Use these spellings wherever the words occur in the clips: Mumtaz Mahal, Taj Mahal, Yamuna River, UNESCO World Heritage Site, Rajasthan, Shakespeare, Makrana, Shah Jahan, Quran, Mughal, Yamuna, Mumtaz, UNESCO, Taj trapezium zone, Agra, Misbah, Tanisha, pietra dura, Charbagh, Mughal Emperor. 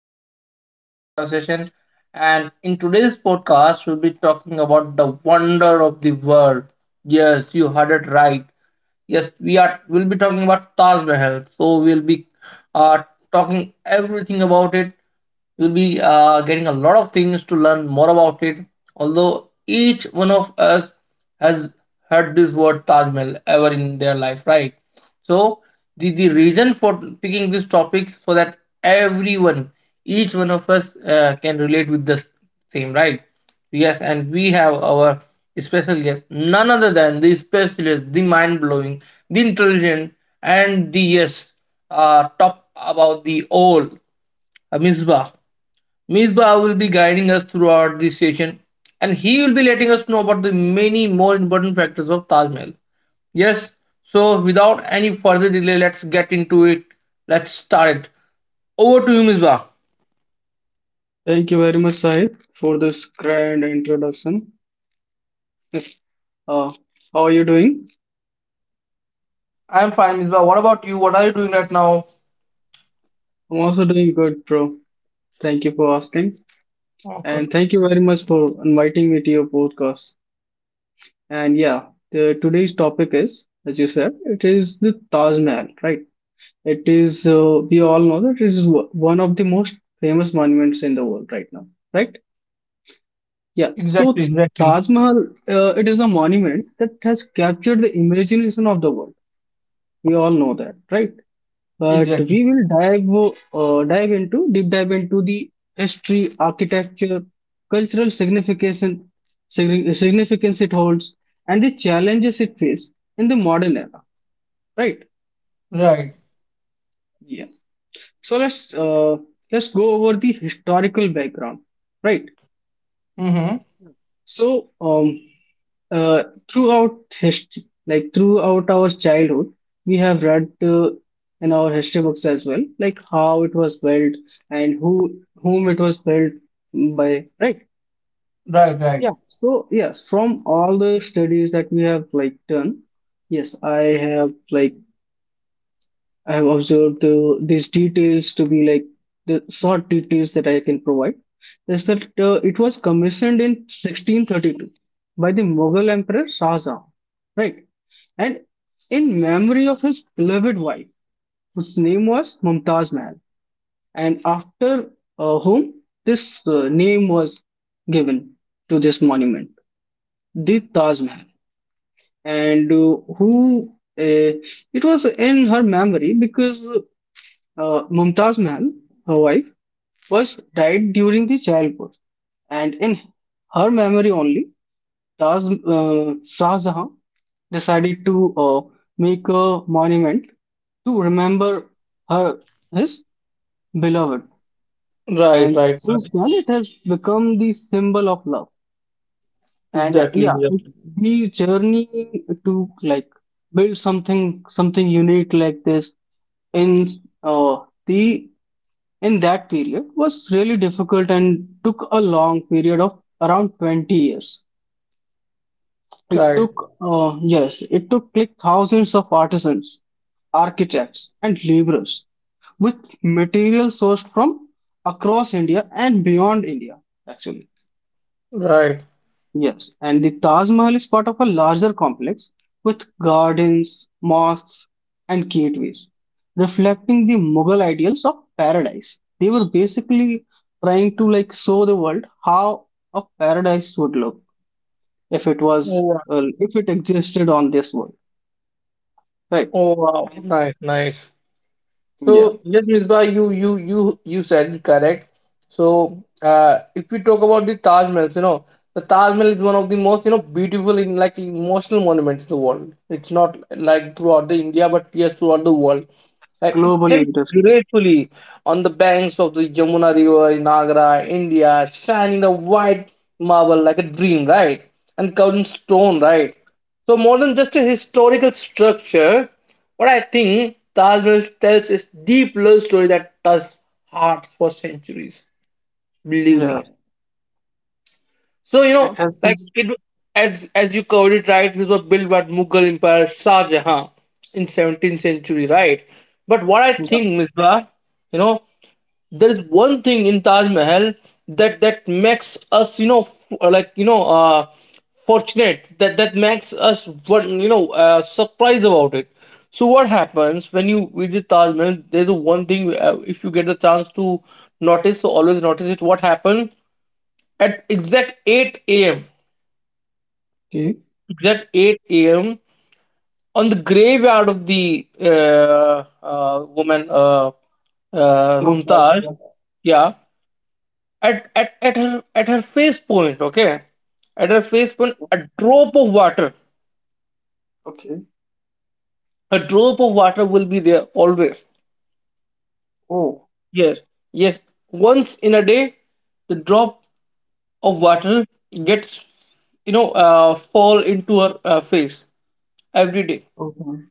and welcome to my podcast session. And in today's podcast, we'll be talking about the wonder of the world. Yes, you heard it right. Yes, we are. We'll be talking about Taj Mahal. So, we'll be uh, talking everything about it. You'll be getting a lot of things to learn more about it. Although each one of us has heard this word Taj Mahal ever in their life, right? So the reason for picking this topic, so that everyone each one of us can relate with the same, right? Yes, and we have our special guest, none other than the specialist, the mind-blowing, the intelligent, and the, yes, top about the all, Misbah. Misbah will be guiding us throughout this session, and he will be letting us know about the many more important factors of Taj Mahal. Yes, so without any further delay, let's get into it. Let's start it. Over to you, Misbah. Thank you very much, Sahib, for this grand introduction. Uh, how are you doing? I'm fine, Misbah. What about you? What are you doing right now? I'm also doing good, bro. Thank you for asking. And Okay. thank you very much for inviting me to your podcast. And yeah, today's topic is, as you said, it is the Taj Mahal, right? It is, we all know that it is one of the most famous monuments in the world right now, right? Yeah, Exactly, so exactly. Taj Mahal, it is a monument that has captured the imagination of the world. We all know that, right? But Exactly. we will dive dive into deep dive into the history, architecture, cultural significance, significance it holds, and the challenges it faces in the modern era. Right? Right. Yeah. So let's go over the historical background. Right. Mm-hmm. So Uh, throughout history, like throughout our childhood, we have read in our history books as well, like how it was built and whom it was built by, right? Right, right. Yeah. So yes, from all the studies that we have like done, yes, I have observed these details to be like the short details that I can provide. Is that it was commissioned in 1632 by the Mughal Emperor Shah Jahan, right? And in memory of his beloved wife, whose name was Mumtaz Mahal, and after whom this name was given to this monument, the Taj Mahal. And who uh, it was in her memory because Mumtaz Mahal, her wife, was died during the childbirth. And in her memory only, Taj Shah Jahan decided to make a monument to remember her, his beloved. Right, And right, since right. then, it has become the symbol of love. And Exactly, yeah, exactly. the journey to like build something unique like this in uh, the in that period was really difficult and took a long period of around 20 years. It Right, took, yes, it took like thousands of artisans, architects, and laborers with material sourced from across India and beyond India, actually. right. Yes, and the Taj Mahal is part of a larger complex with gardens, mosques, and gateways, reflecting the Mughal ideals of paradise. They were basically trying to like show the world how a paradise would look if it was, Oh, wow. uh, if it existed on this world. Right? Oh, wow. And Nice, nice. yeah, So yes, Misbah, you said it correct. So if we talk about the Taj Mahal, you know, the Taj Mahal is one of the most, you know, beautiful, in like, emotional monuments in the world. It's not like throughout the India, but yes, throughout the world. it's Like, it globally sits interesting. gracefully on the banks of the Yamuna River in Agra, India, shining the white marble like a dream, right? And covered in stone, right? So more than just a historical structure, what I think Taj Mahal tells is deep love story that touches hearts for centuries. Believe Yeah, me. So you it know, has some. like it, as you covered it, right, this was built by Mughal Emperor Shah Jahan in 17th century, right? But what I Yeah. think, Misbah, you know, there is one thing in Taj Mahal that makes us, you know, like, you know, fortunate, that makes us one, you know, surprised about it. So what happens when you visit Taj Mahal? There's a one thing, if you get the chance to notice, so always notice it. What happens at exact 8 a.m, Okay. at 8 a.m. on the graveyard of the woman, No gas. Mumtaz. Yeah. Yeah, at her, at her face point. Okay, at her face point, a drop of water, Okay. a drop of water will be there always. Oh. Yes, yes. Once in a day, the drop of water gets, fall into her face every day. Okay.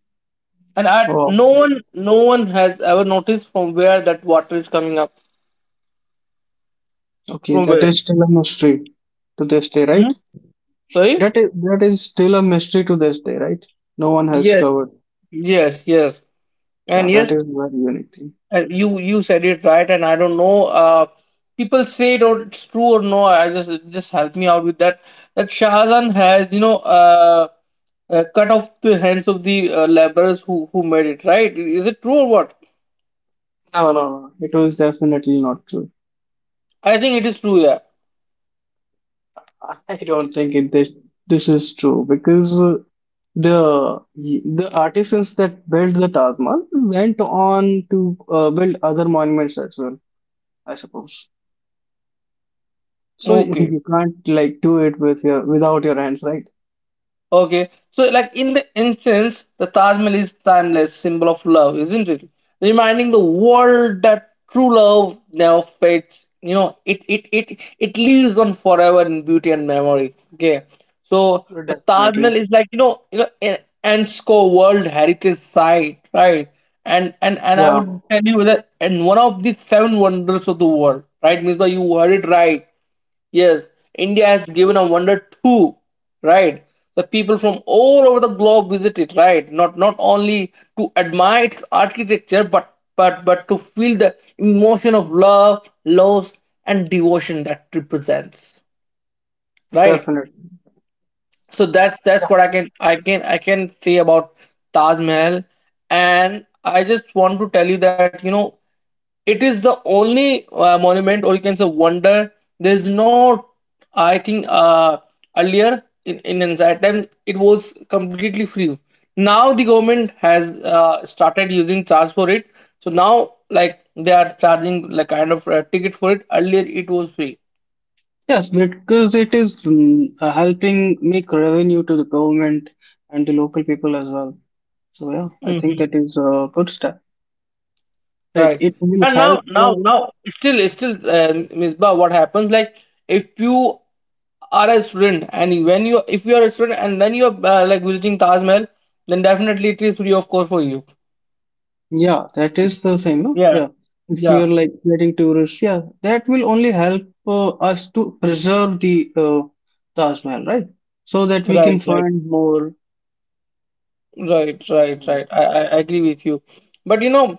And I, Oh. no one has ever noticed from where that water is coming up. Okay. From That where? is still a mystery to this day, Hmm? right? Sorry? That is still a mystery to this day, right? No one has Yes, covered. yes, yes. And Yeah, yes, that is very unique thing. You you said it right. And I don't know. People say it or it's true or no. I just help me out with that. That Shahjahan has, you know, cut off the hands of the laborers who made it. Right? Is it true or what? No, no, no. It was definitely not true. I think it is true. Yeah. I don't think it, this is true because the artisans that built the Taj Mahal went on to build other monuments as well, I suppose. So Okay. you can't like do it without your hands, right? Okay, so like in the incense, the Taj Mahal is timeless symbol of love, isn't it? Reminding the world that true love never fades. You know, it lives on forever in beauty and memory. Okay, so the Taj Definitely. Mahal is like, you know, you know, an UNESCO World Heritage Site, right? And I Yeah, would tell you that, and one of the seven wonders of the world, right? Means you heard it right. Yes, India has given a wonder too, right? The people from all over the globe visit it, right? Not only to admire its architecture, but but to feel the emotion of love, loss, and devotion that represents, right? definitely. So that's Yeah. that's what I can say about Taj Mahal, and I just want to tell you that, you know, it is the only monument, or you can say wonder. There's no, I think, earlier, in that time it was completely free. Now the government has started using charge for it. So now, like, they are charging like kind of a ticket for it. Earlier it was free. Yes, because it is helping make revenue to the government and the local people as well. So yeah, I think Mm-hmm. that is a good step. Right. Right. It will And help. Misbah, what happens? Like, if you are a student, and when you, if you are a student and then you're, like, visiting Taj Mahal, then definitely it is free, of course, for you. Yeah, that is the thing, no? Yeah, Yeah. If we yeah, are like getting tourists, yeah, that will only help us to preserve the Taj Mahal, right? So that we right, can right. find more. Right, right, right. Mhm. I agree with you. But you know,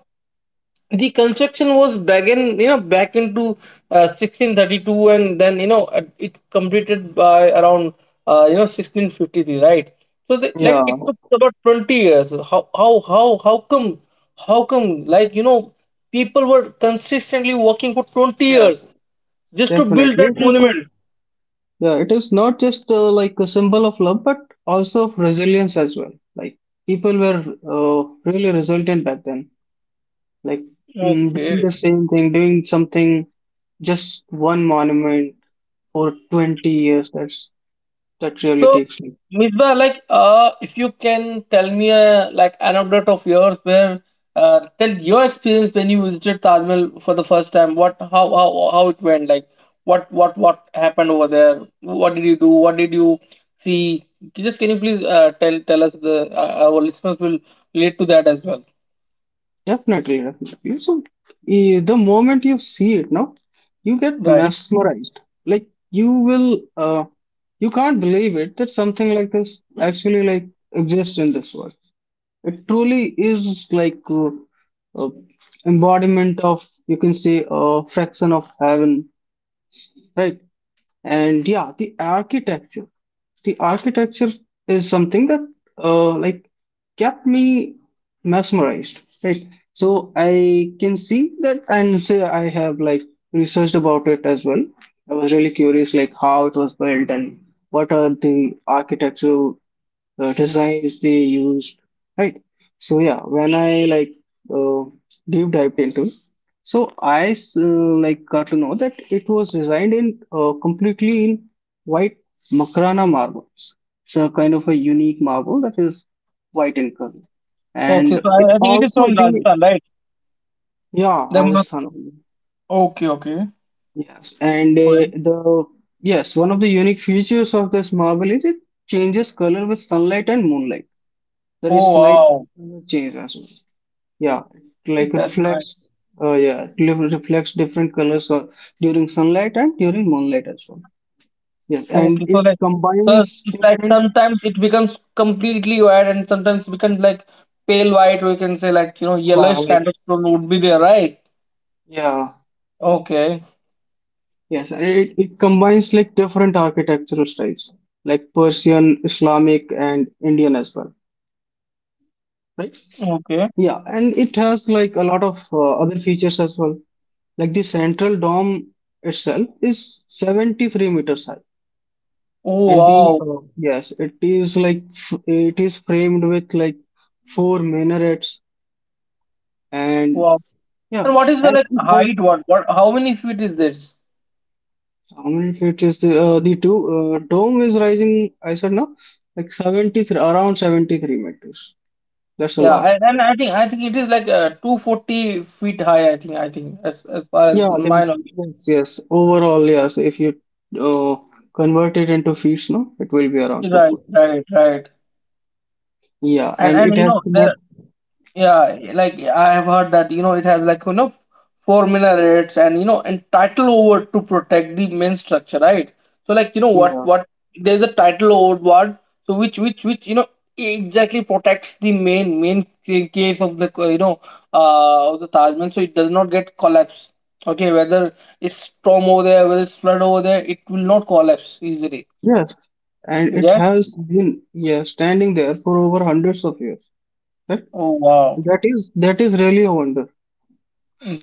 the construction was began, you know, back into 1632, and then you know, it completed by around, you know, 1653, right? So the, like, Yeah, it took about 20 years. How come like, you know, people were consistently working for 20 years yes, just to build definitely. that monument. Yeah, it is not just like a symbol of love, but also of resilience as well. Like people were uh, really resilient back then. Like doing Okay. the same thing, doing something, just one monument for 20 years. That really So, takes me. Misbah, like, if you can tell me a like anecdote of yours where, tell your experience when you visited Taj Mahal for the first time. How it went? Like, what happened over there? What did you do? What did you see? Just can you please tell tell us, the our listeners will relate to that as well. Definitely, definitely. So, the moment you see it now, you get Right. mesmerized. Like you will, uh, you can't believe it that something like this actually like exists in this world. It truly is like uh, embodiment of, you can say, a fraction of heaven, right? And yeah, the architecture is something that like kept me mesmerized, right? So I can see that and say I have like researched about it as well. I was really curious like how it was built and what are the architecture designs they used, right? So yeah, when I like uh, deep dived into, so like got to know that it was designed in completely in white Makrana marbles. So kind of a unique marble that is white in color, Okay, and so it I think it is also from the Rajasthan, right? yeah, The, Rajasthan only. okay, okay. Yes, and Correct. the yes, one of the unique features of this marble is it changes color with sunlight and moonlight. There Oh is slight wow, change as well. Yeah, it like that's nice. reflects. Yeah, it reflects different colors during sunlight and during moonlight as well. Yes, and Okay, so it like, so combines it's like different. sometimes it becomes completely white, and sometimes becomes like pale white, or you can say, like, you know, Yeah, yellowish like kind of tone would be there, right? yeah, Okay, yes, and it combines like different architectural styles, like Persian, Islamic, and Indian as well, right? okay. Yeah, and it has like a lot of other features as well. Like the central dome itself is 73 meters high. Oh And the wow, yes, it is framed with like four minarets. And wow. yeah, And what is the and like it has height? What what? How many feet is this? how many feet is the two dome is rising? I said, no, like 73, around 73 meters. That's a Yeah, lot. And I think it is like, 240 feet high. I think as far as Yeah, my then knowledge. yes, yes. Overall, yes. If you uh, convert it into feet, no, it will be around two Right, foot. right, right. Yeah, and And it you know has there. met. Yeah, like I have heard that, you know, it has like, you know, four minarets and you know, and title over to protect the main structure, right? So like you know, what Yeah, what there's a title over what, so which you know exactly protects the main, case of the, you know, of the Taj Mahal, so it does not get collapse. Okay, whether it's storm over there, whether it's flood over there, it will not collapse easily. yes, and it Yeah. has been, yeah, standing there for over hundreds of years. Right? Oh wow. That is really a wonder.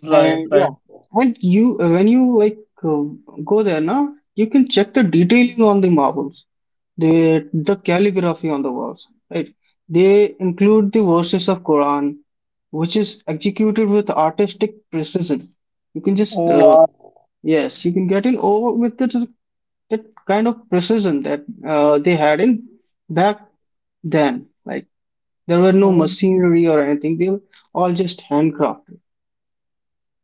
Right, And yeah, right. and you when you like uh, go there now, you can check the detailing on the marbles, the calligraphy on the walls, right? They include the verses of Quran, which is executed with artistic precision. You can just Oh wow. yes, you can get in over with the, that that kind of precision that they had in back then. Like there were no Oh. machinery or anything; they were all just handcrafted.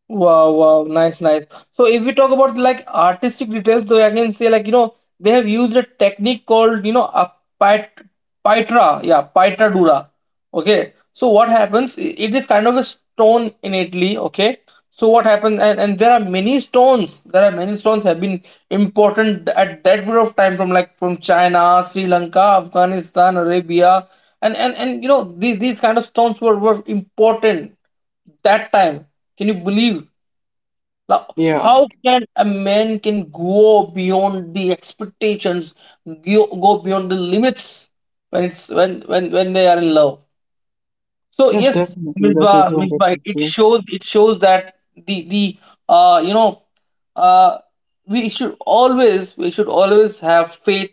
Wow, wow, nice, nice. So if we talk about like artistic details, so I can say like, you know, they have used a technique called, you know, a pit, pitra dura. Okay. So what happens? It is kind of a stone in Italy, okay, so what happened. And there are many stones have been important at that period of time from like, from China, Sri Lanka, Afghanistan, Arabia, and and you know these kind of stones were important that time. Can you believe? Now, Yeah, how can a man can go beyond the expectations, go beyond the limits when it's when they are in love. So yes, yes, definitely. That is Misbah, one Misbah, it reflection. shows it shows that the you know uh we should always, have faith.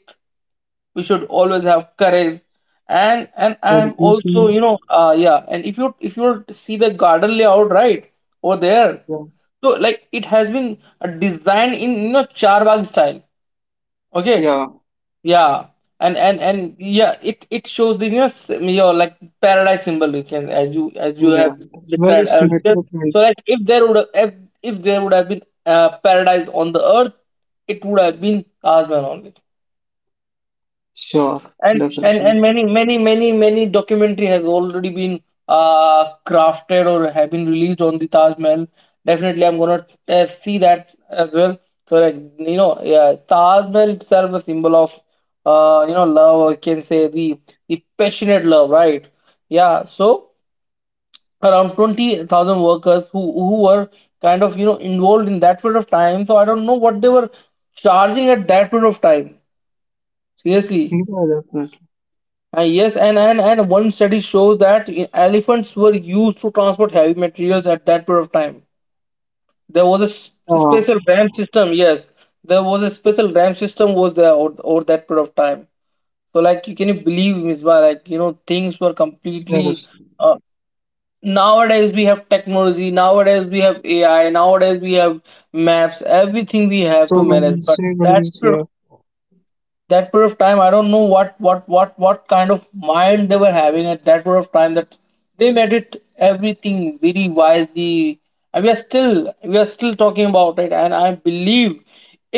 We should always have courage. And The I'm also, education, you know, yeah. And if you, if you see the garden layout, right, over there, yeah, so like it has been, designed in, you know, Charbagh style. Okay, yeah, yeah, and yeah, it shows the, you know, your like paradise symbol. You can, as you, as yeah. you Yeah. have It's very described earlier. symmetrical. So like, if there would have if there would have been paradise on the earth, it would have been Tasman only. Sure, And definitely. and many documentary has already been crafted or have been released on the Taj Mahal. Definitely, I'm gonna see that as well. So like you know, yeah, Taj Mahal itself a symbol of, you know, love. I can say the passionate love, right? Yeah. So around 20,000 workers who were kind of, you know, involved in that period of time. So I don't know what they were charging at that period of time. Seriously, Yeah, definitely. Yes, and one study shows that, elephants were used to transport heavy materials at that period of time. There was a s- Yeah, Special ram system. Yes, there was a special ram system was there over, over that period of time. So, like, can you believe, Misbah? Like, you know, things were completely. yes. Uh, Nowadays, we have technology. Nowadays, we have AI. Nowadays, we have maps. Everything we have So to many manage. But that scenarios period here. that period of time, I don't know what kind of mind they were having at that period of time, that they made it everything very wisely. And we are still talking about it, and I believe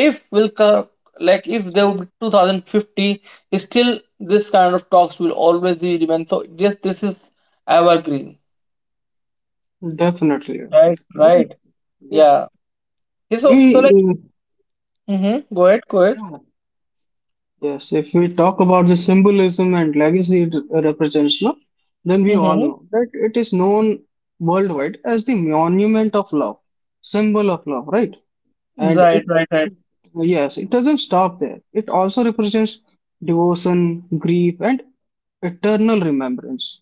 if will co- like if there would be 2050, still this kind of talks will always be remain. So just this is evergreen. Definitely. Right, Definitely. right. Yeah. Yeah. Okay, so We, like, uh, mm-hmm, go ahead. yeah, yes. If we talk about the symbolism and legacy it represents, no, then we all Mm-hmm. know that it is known worldwide as the monument of love, symbol of love, right? And Right, it, right, yes, it doesn't stop there. It also represents devotion, grief, and eternal remembrance,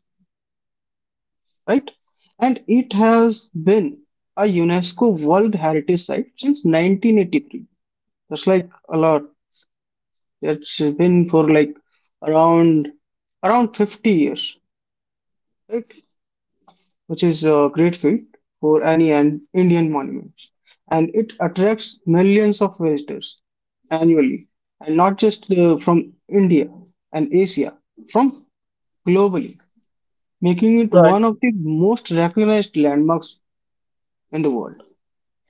right? And it has been a UNESCO World Heritage Site since 1983. That's like a lot. It's been for like around around 50 years, right? Which is a great feat for any an Indian monument. And it attracts millions of visitors annually, and not just from India and Asia, from globally, making it right. one of the most recognized landmarks in the world.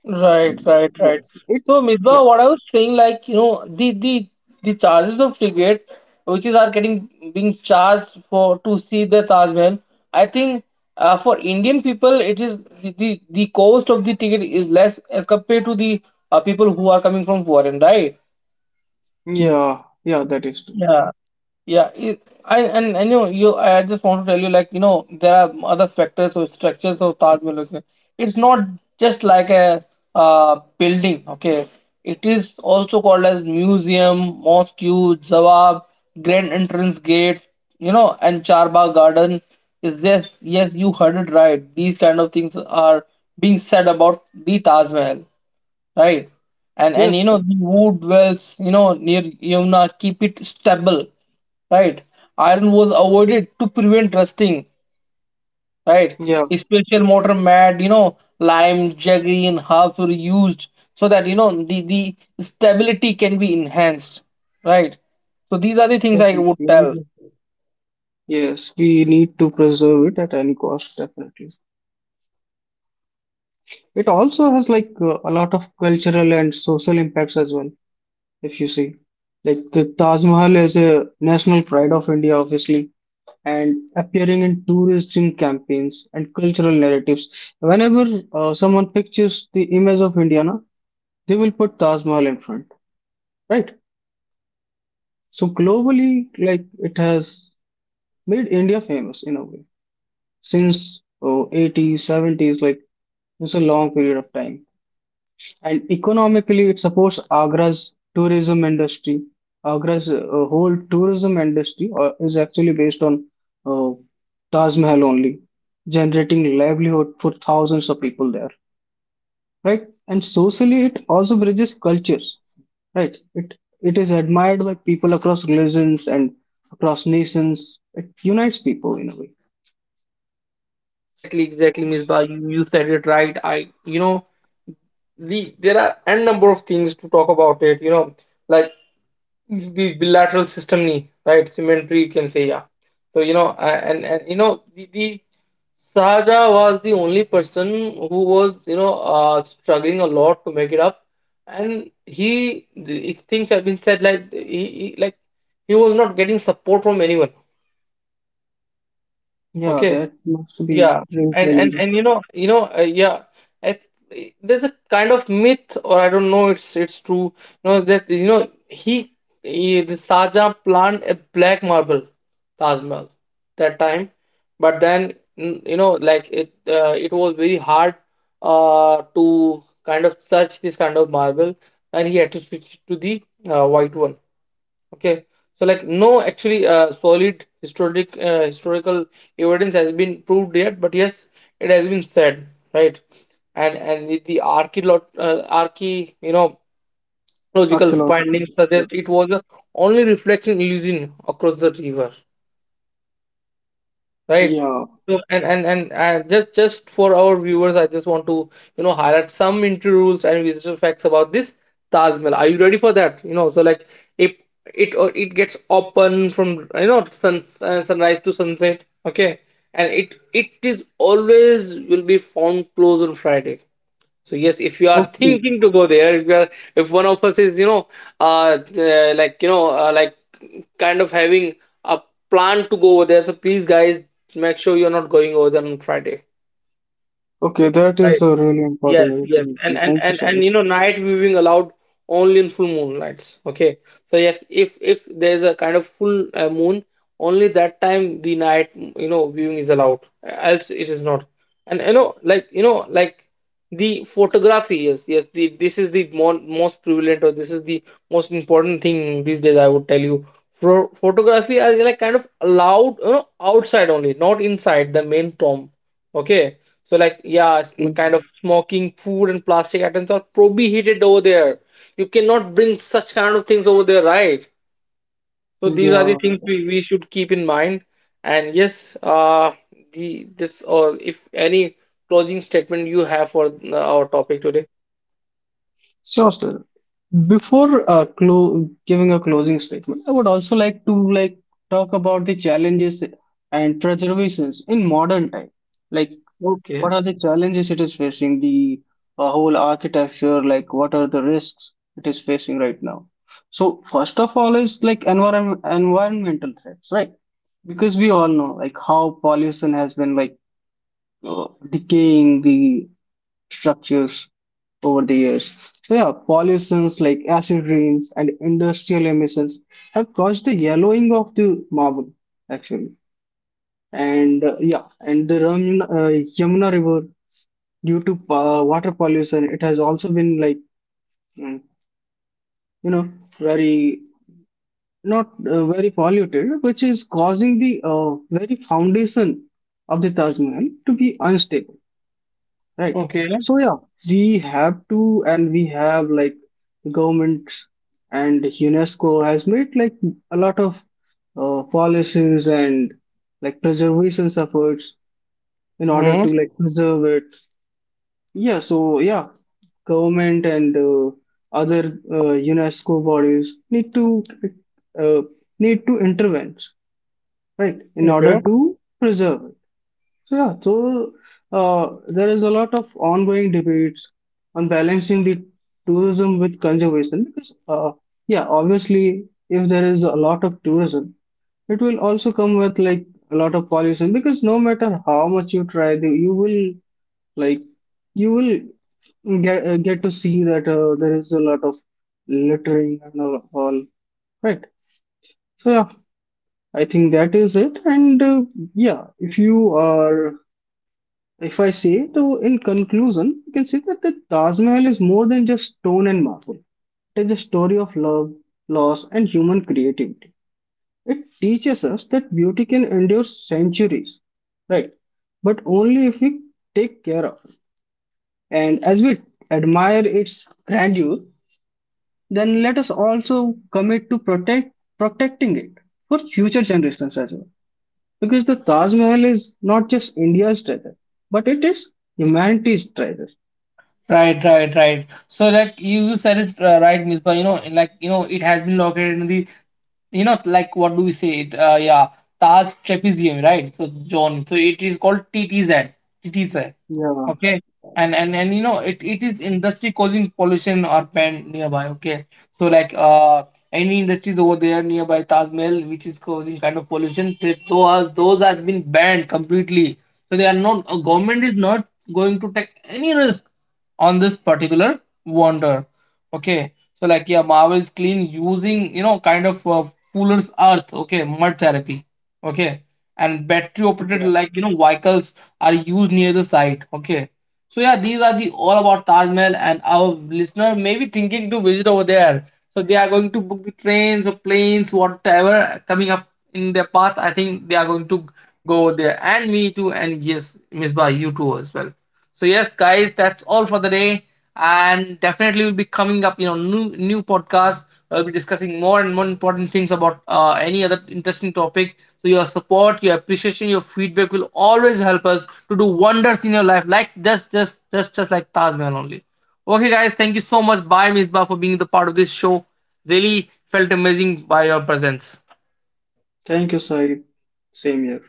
Right, right, right. Yes, So, yeah, Midwa, what I was saying, like, you know, the charges of ticket, which is are getting being charged for to see the Taj Mahal. I think for Indian people, it is the, the cost of the ticket is less as compared to the people who are coming from foreign, right? yeah, yeah, that is true. Yeah. Yeah, it, I and you know, you I just want to tell you, like, you know, there are other factors or structures of Taj Mahal. Okay, it's not just like a building. Okay, it is also called as museum, mosque, Zawab, Grand Entrance Gate. You know, and Charbagh Garden is this. Yes, you heard it right. These kind of things are being said about the Taj Mahal, right? And you Yes, know, the wood wells, you know, near Yamuna keep it stable, right? Iron was avoided to prevent rusting, right? yeah, Special mortar mat, you know, lime, jaggery, and herbs were used, so that, you know, the stability can be enhanced, right? So these are the things I would tell. definitely. Yes, we need to preserve it at any cost, definitely. It also has like a lot of cultural and social impacts as well, if you see. Like the Taj Mahal is a national pride of India, obviously, and appearing in tourism campaigns and cultural narratives. Whenever someone pictures the image of India, na, they will put Taj Mahal in front, right? So globally, like it has made India famous in a way since, oh, 80s, 70s, like it's a long period of time. And economically, it supports Agra's tourism industry. Agra's whole tourism industry is actually based on uh, Taj Mahal only, generating livelihood for thousands of people there, right? And socially, it also bridges cultures, right? It is admired by people across religions and across nations. It unites people in a way. Exactly, exactly, Miss Ba, you said it right. I, you know, there are n number of things to talk about it, you know, like the bilateral system knee, right? Symmetry, you can say, yeah. So, you know, a- and you know, the Sahaja was the only person who was, you know, struggling a lot to make it up. And he, things have been said, like he was not getting support from anyone. Yeah, Okay. that must be Yeah, very and and challenging. and you know, yeah, I, there's a kind of myth, or I don't know, it's true, you know, that you know, he the Shahjahan planned a black marble Taj Mahal that time, but then you know, like it, it was very hard, to kind of search this kind of marble, and he had to switch to the white one. Okay, so like no, actually, solid historic historical evidence has been proved yet, but yes, it has been said, right? And the archeolo- arche you know logical Archaeological. findings Yeah. suggest it was a only reflection illusion across the river, right? Yeah. So, and just for our viewers, I just want to, you know, highlight some entry rules and visitor facts about this Taj Mahal. Are you ready for that? You know, so like, if it it gets open from, you know, sunrise to sunset, okay, and it is always will be found closed on Friday. So yes, if you are Okay. thinking to go there, if you are, if one of us is, you know, like kind of having a plan to go over there, so please, guys, make sure you're not going over there on Friday. Okay, that is a really important Yes, yes, and information. and Thank you, and Sahil. and you know, night viewing allowed only in full moonlights. Okay, so yes, if there is a kind of full moon, only that time the night, you know, viewing is allowed. Else it is not. And you know, like the photography. Yes, yes. The, this is the more, most prevalent, or this is the most important thing these days. I would tell you, for photography are like kind of allowed, you know, outside only, not inside the main tomb. Okay. So like yeah, it's kind of Mhm. smoking food and plastic items are prohibited over there. You cannot bring such kind of things over there, right? So these are the Yeah, things we should keep in mind. And yes, the this or if any closing statement you have for our topic today. sure, sir. Before clo giving a closing statement, I would also like to like talk about the challenges and preservations in modern time. Like, what Okay. are the challenges it is facing? The whole architecture, like, what are the risks it is facing right now? So, first of all, is like environmental threats, right? Because we all know like how pollution has been like decaying the structures over the years. So yeah, pollutions like acid rains and industrial emissions have caused the yellowing of the marble actually. And yeah, and the Yamuna River due to water pollution, it has also been like mm, you know very not very polluted, which is causing the very foundation of the Taj Mahal to be unstable. Right. Okay. So yeah, we have to, and we have like governments and UNESCO has made like a lot of policies and like preservation efforts in order Hmm. to like preserve it. Yeah. So yeah, government and other UNESCO bodies uh, need to intervene, right, in order Okay. to preserve it. So yeah, so there is a lot of ongoing debates on balancing the tourism with conservation because yeah, obviously if there is a lot of tourism, it will also come with like a lot of pollution because no matter how much you try, like you will get to see that there is a lot of littering and all right. So yeah, I think that is it. And yeah, if you are if I say, so in conclusion, you can see that the Taj Mahal is more than just stone and marble. It is a story of love, loss, and human creativity. It teaches us that beauty can endure centuries, right? But only if we take care of it. And as we admire its grandeur, then let us also commit to protecting it for future generations as well. Because the Taj Mahal is not just India's treasure, but it is humanity's treasure. Right, right, right. So, like you said it right, Misbah. You know, like you know, it has been located in the, you know, like, what do we say it, yeah, Taj trapezium, right? So, John, so it is called TTZ TTZ, Yeah, okay. And you know it, it is industry causing pollution or pen nearby. Okay, so like any industries over there nearby Taj Mahal which is causing kind of pollution, they, those are, those have been banned completely. So they are not, government is not going to take any risk on this particular wonder. Okay, so like yeah, marvel is clean using, you know, kind of Fuller's Earth, okay, mud therapy, okay, and battery operated, yeah. like, you know, vehicles are used near the site, okay. So yeah, these are the all about Taj Mahal, and our listener may be thinking to visit over there. So they are going to book the trains or planes, whatever coming up in their path. I think they are going to go over there, and me too, and yes, Miss Ba, you too as well. So yes, guys, that's all for the day, and definitely we'll be coming up, you know, new podcasts. I'll be discussing more and more important things about any other interesting topic. So your support, your appreciation, your feedback will always help us to do wonders in your life, like just like Taj Mahal only. Okay, guys, thank you so much. Bye, Misbah, for being the part of this show. Really felt amazing by your presence. Thank you, Sai. Same here.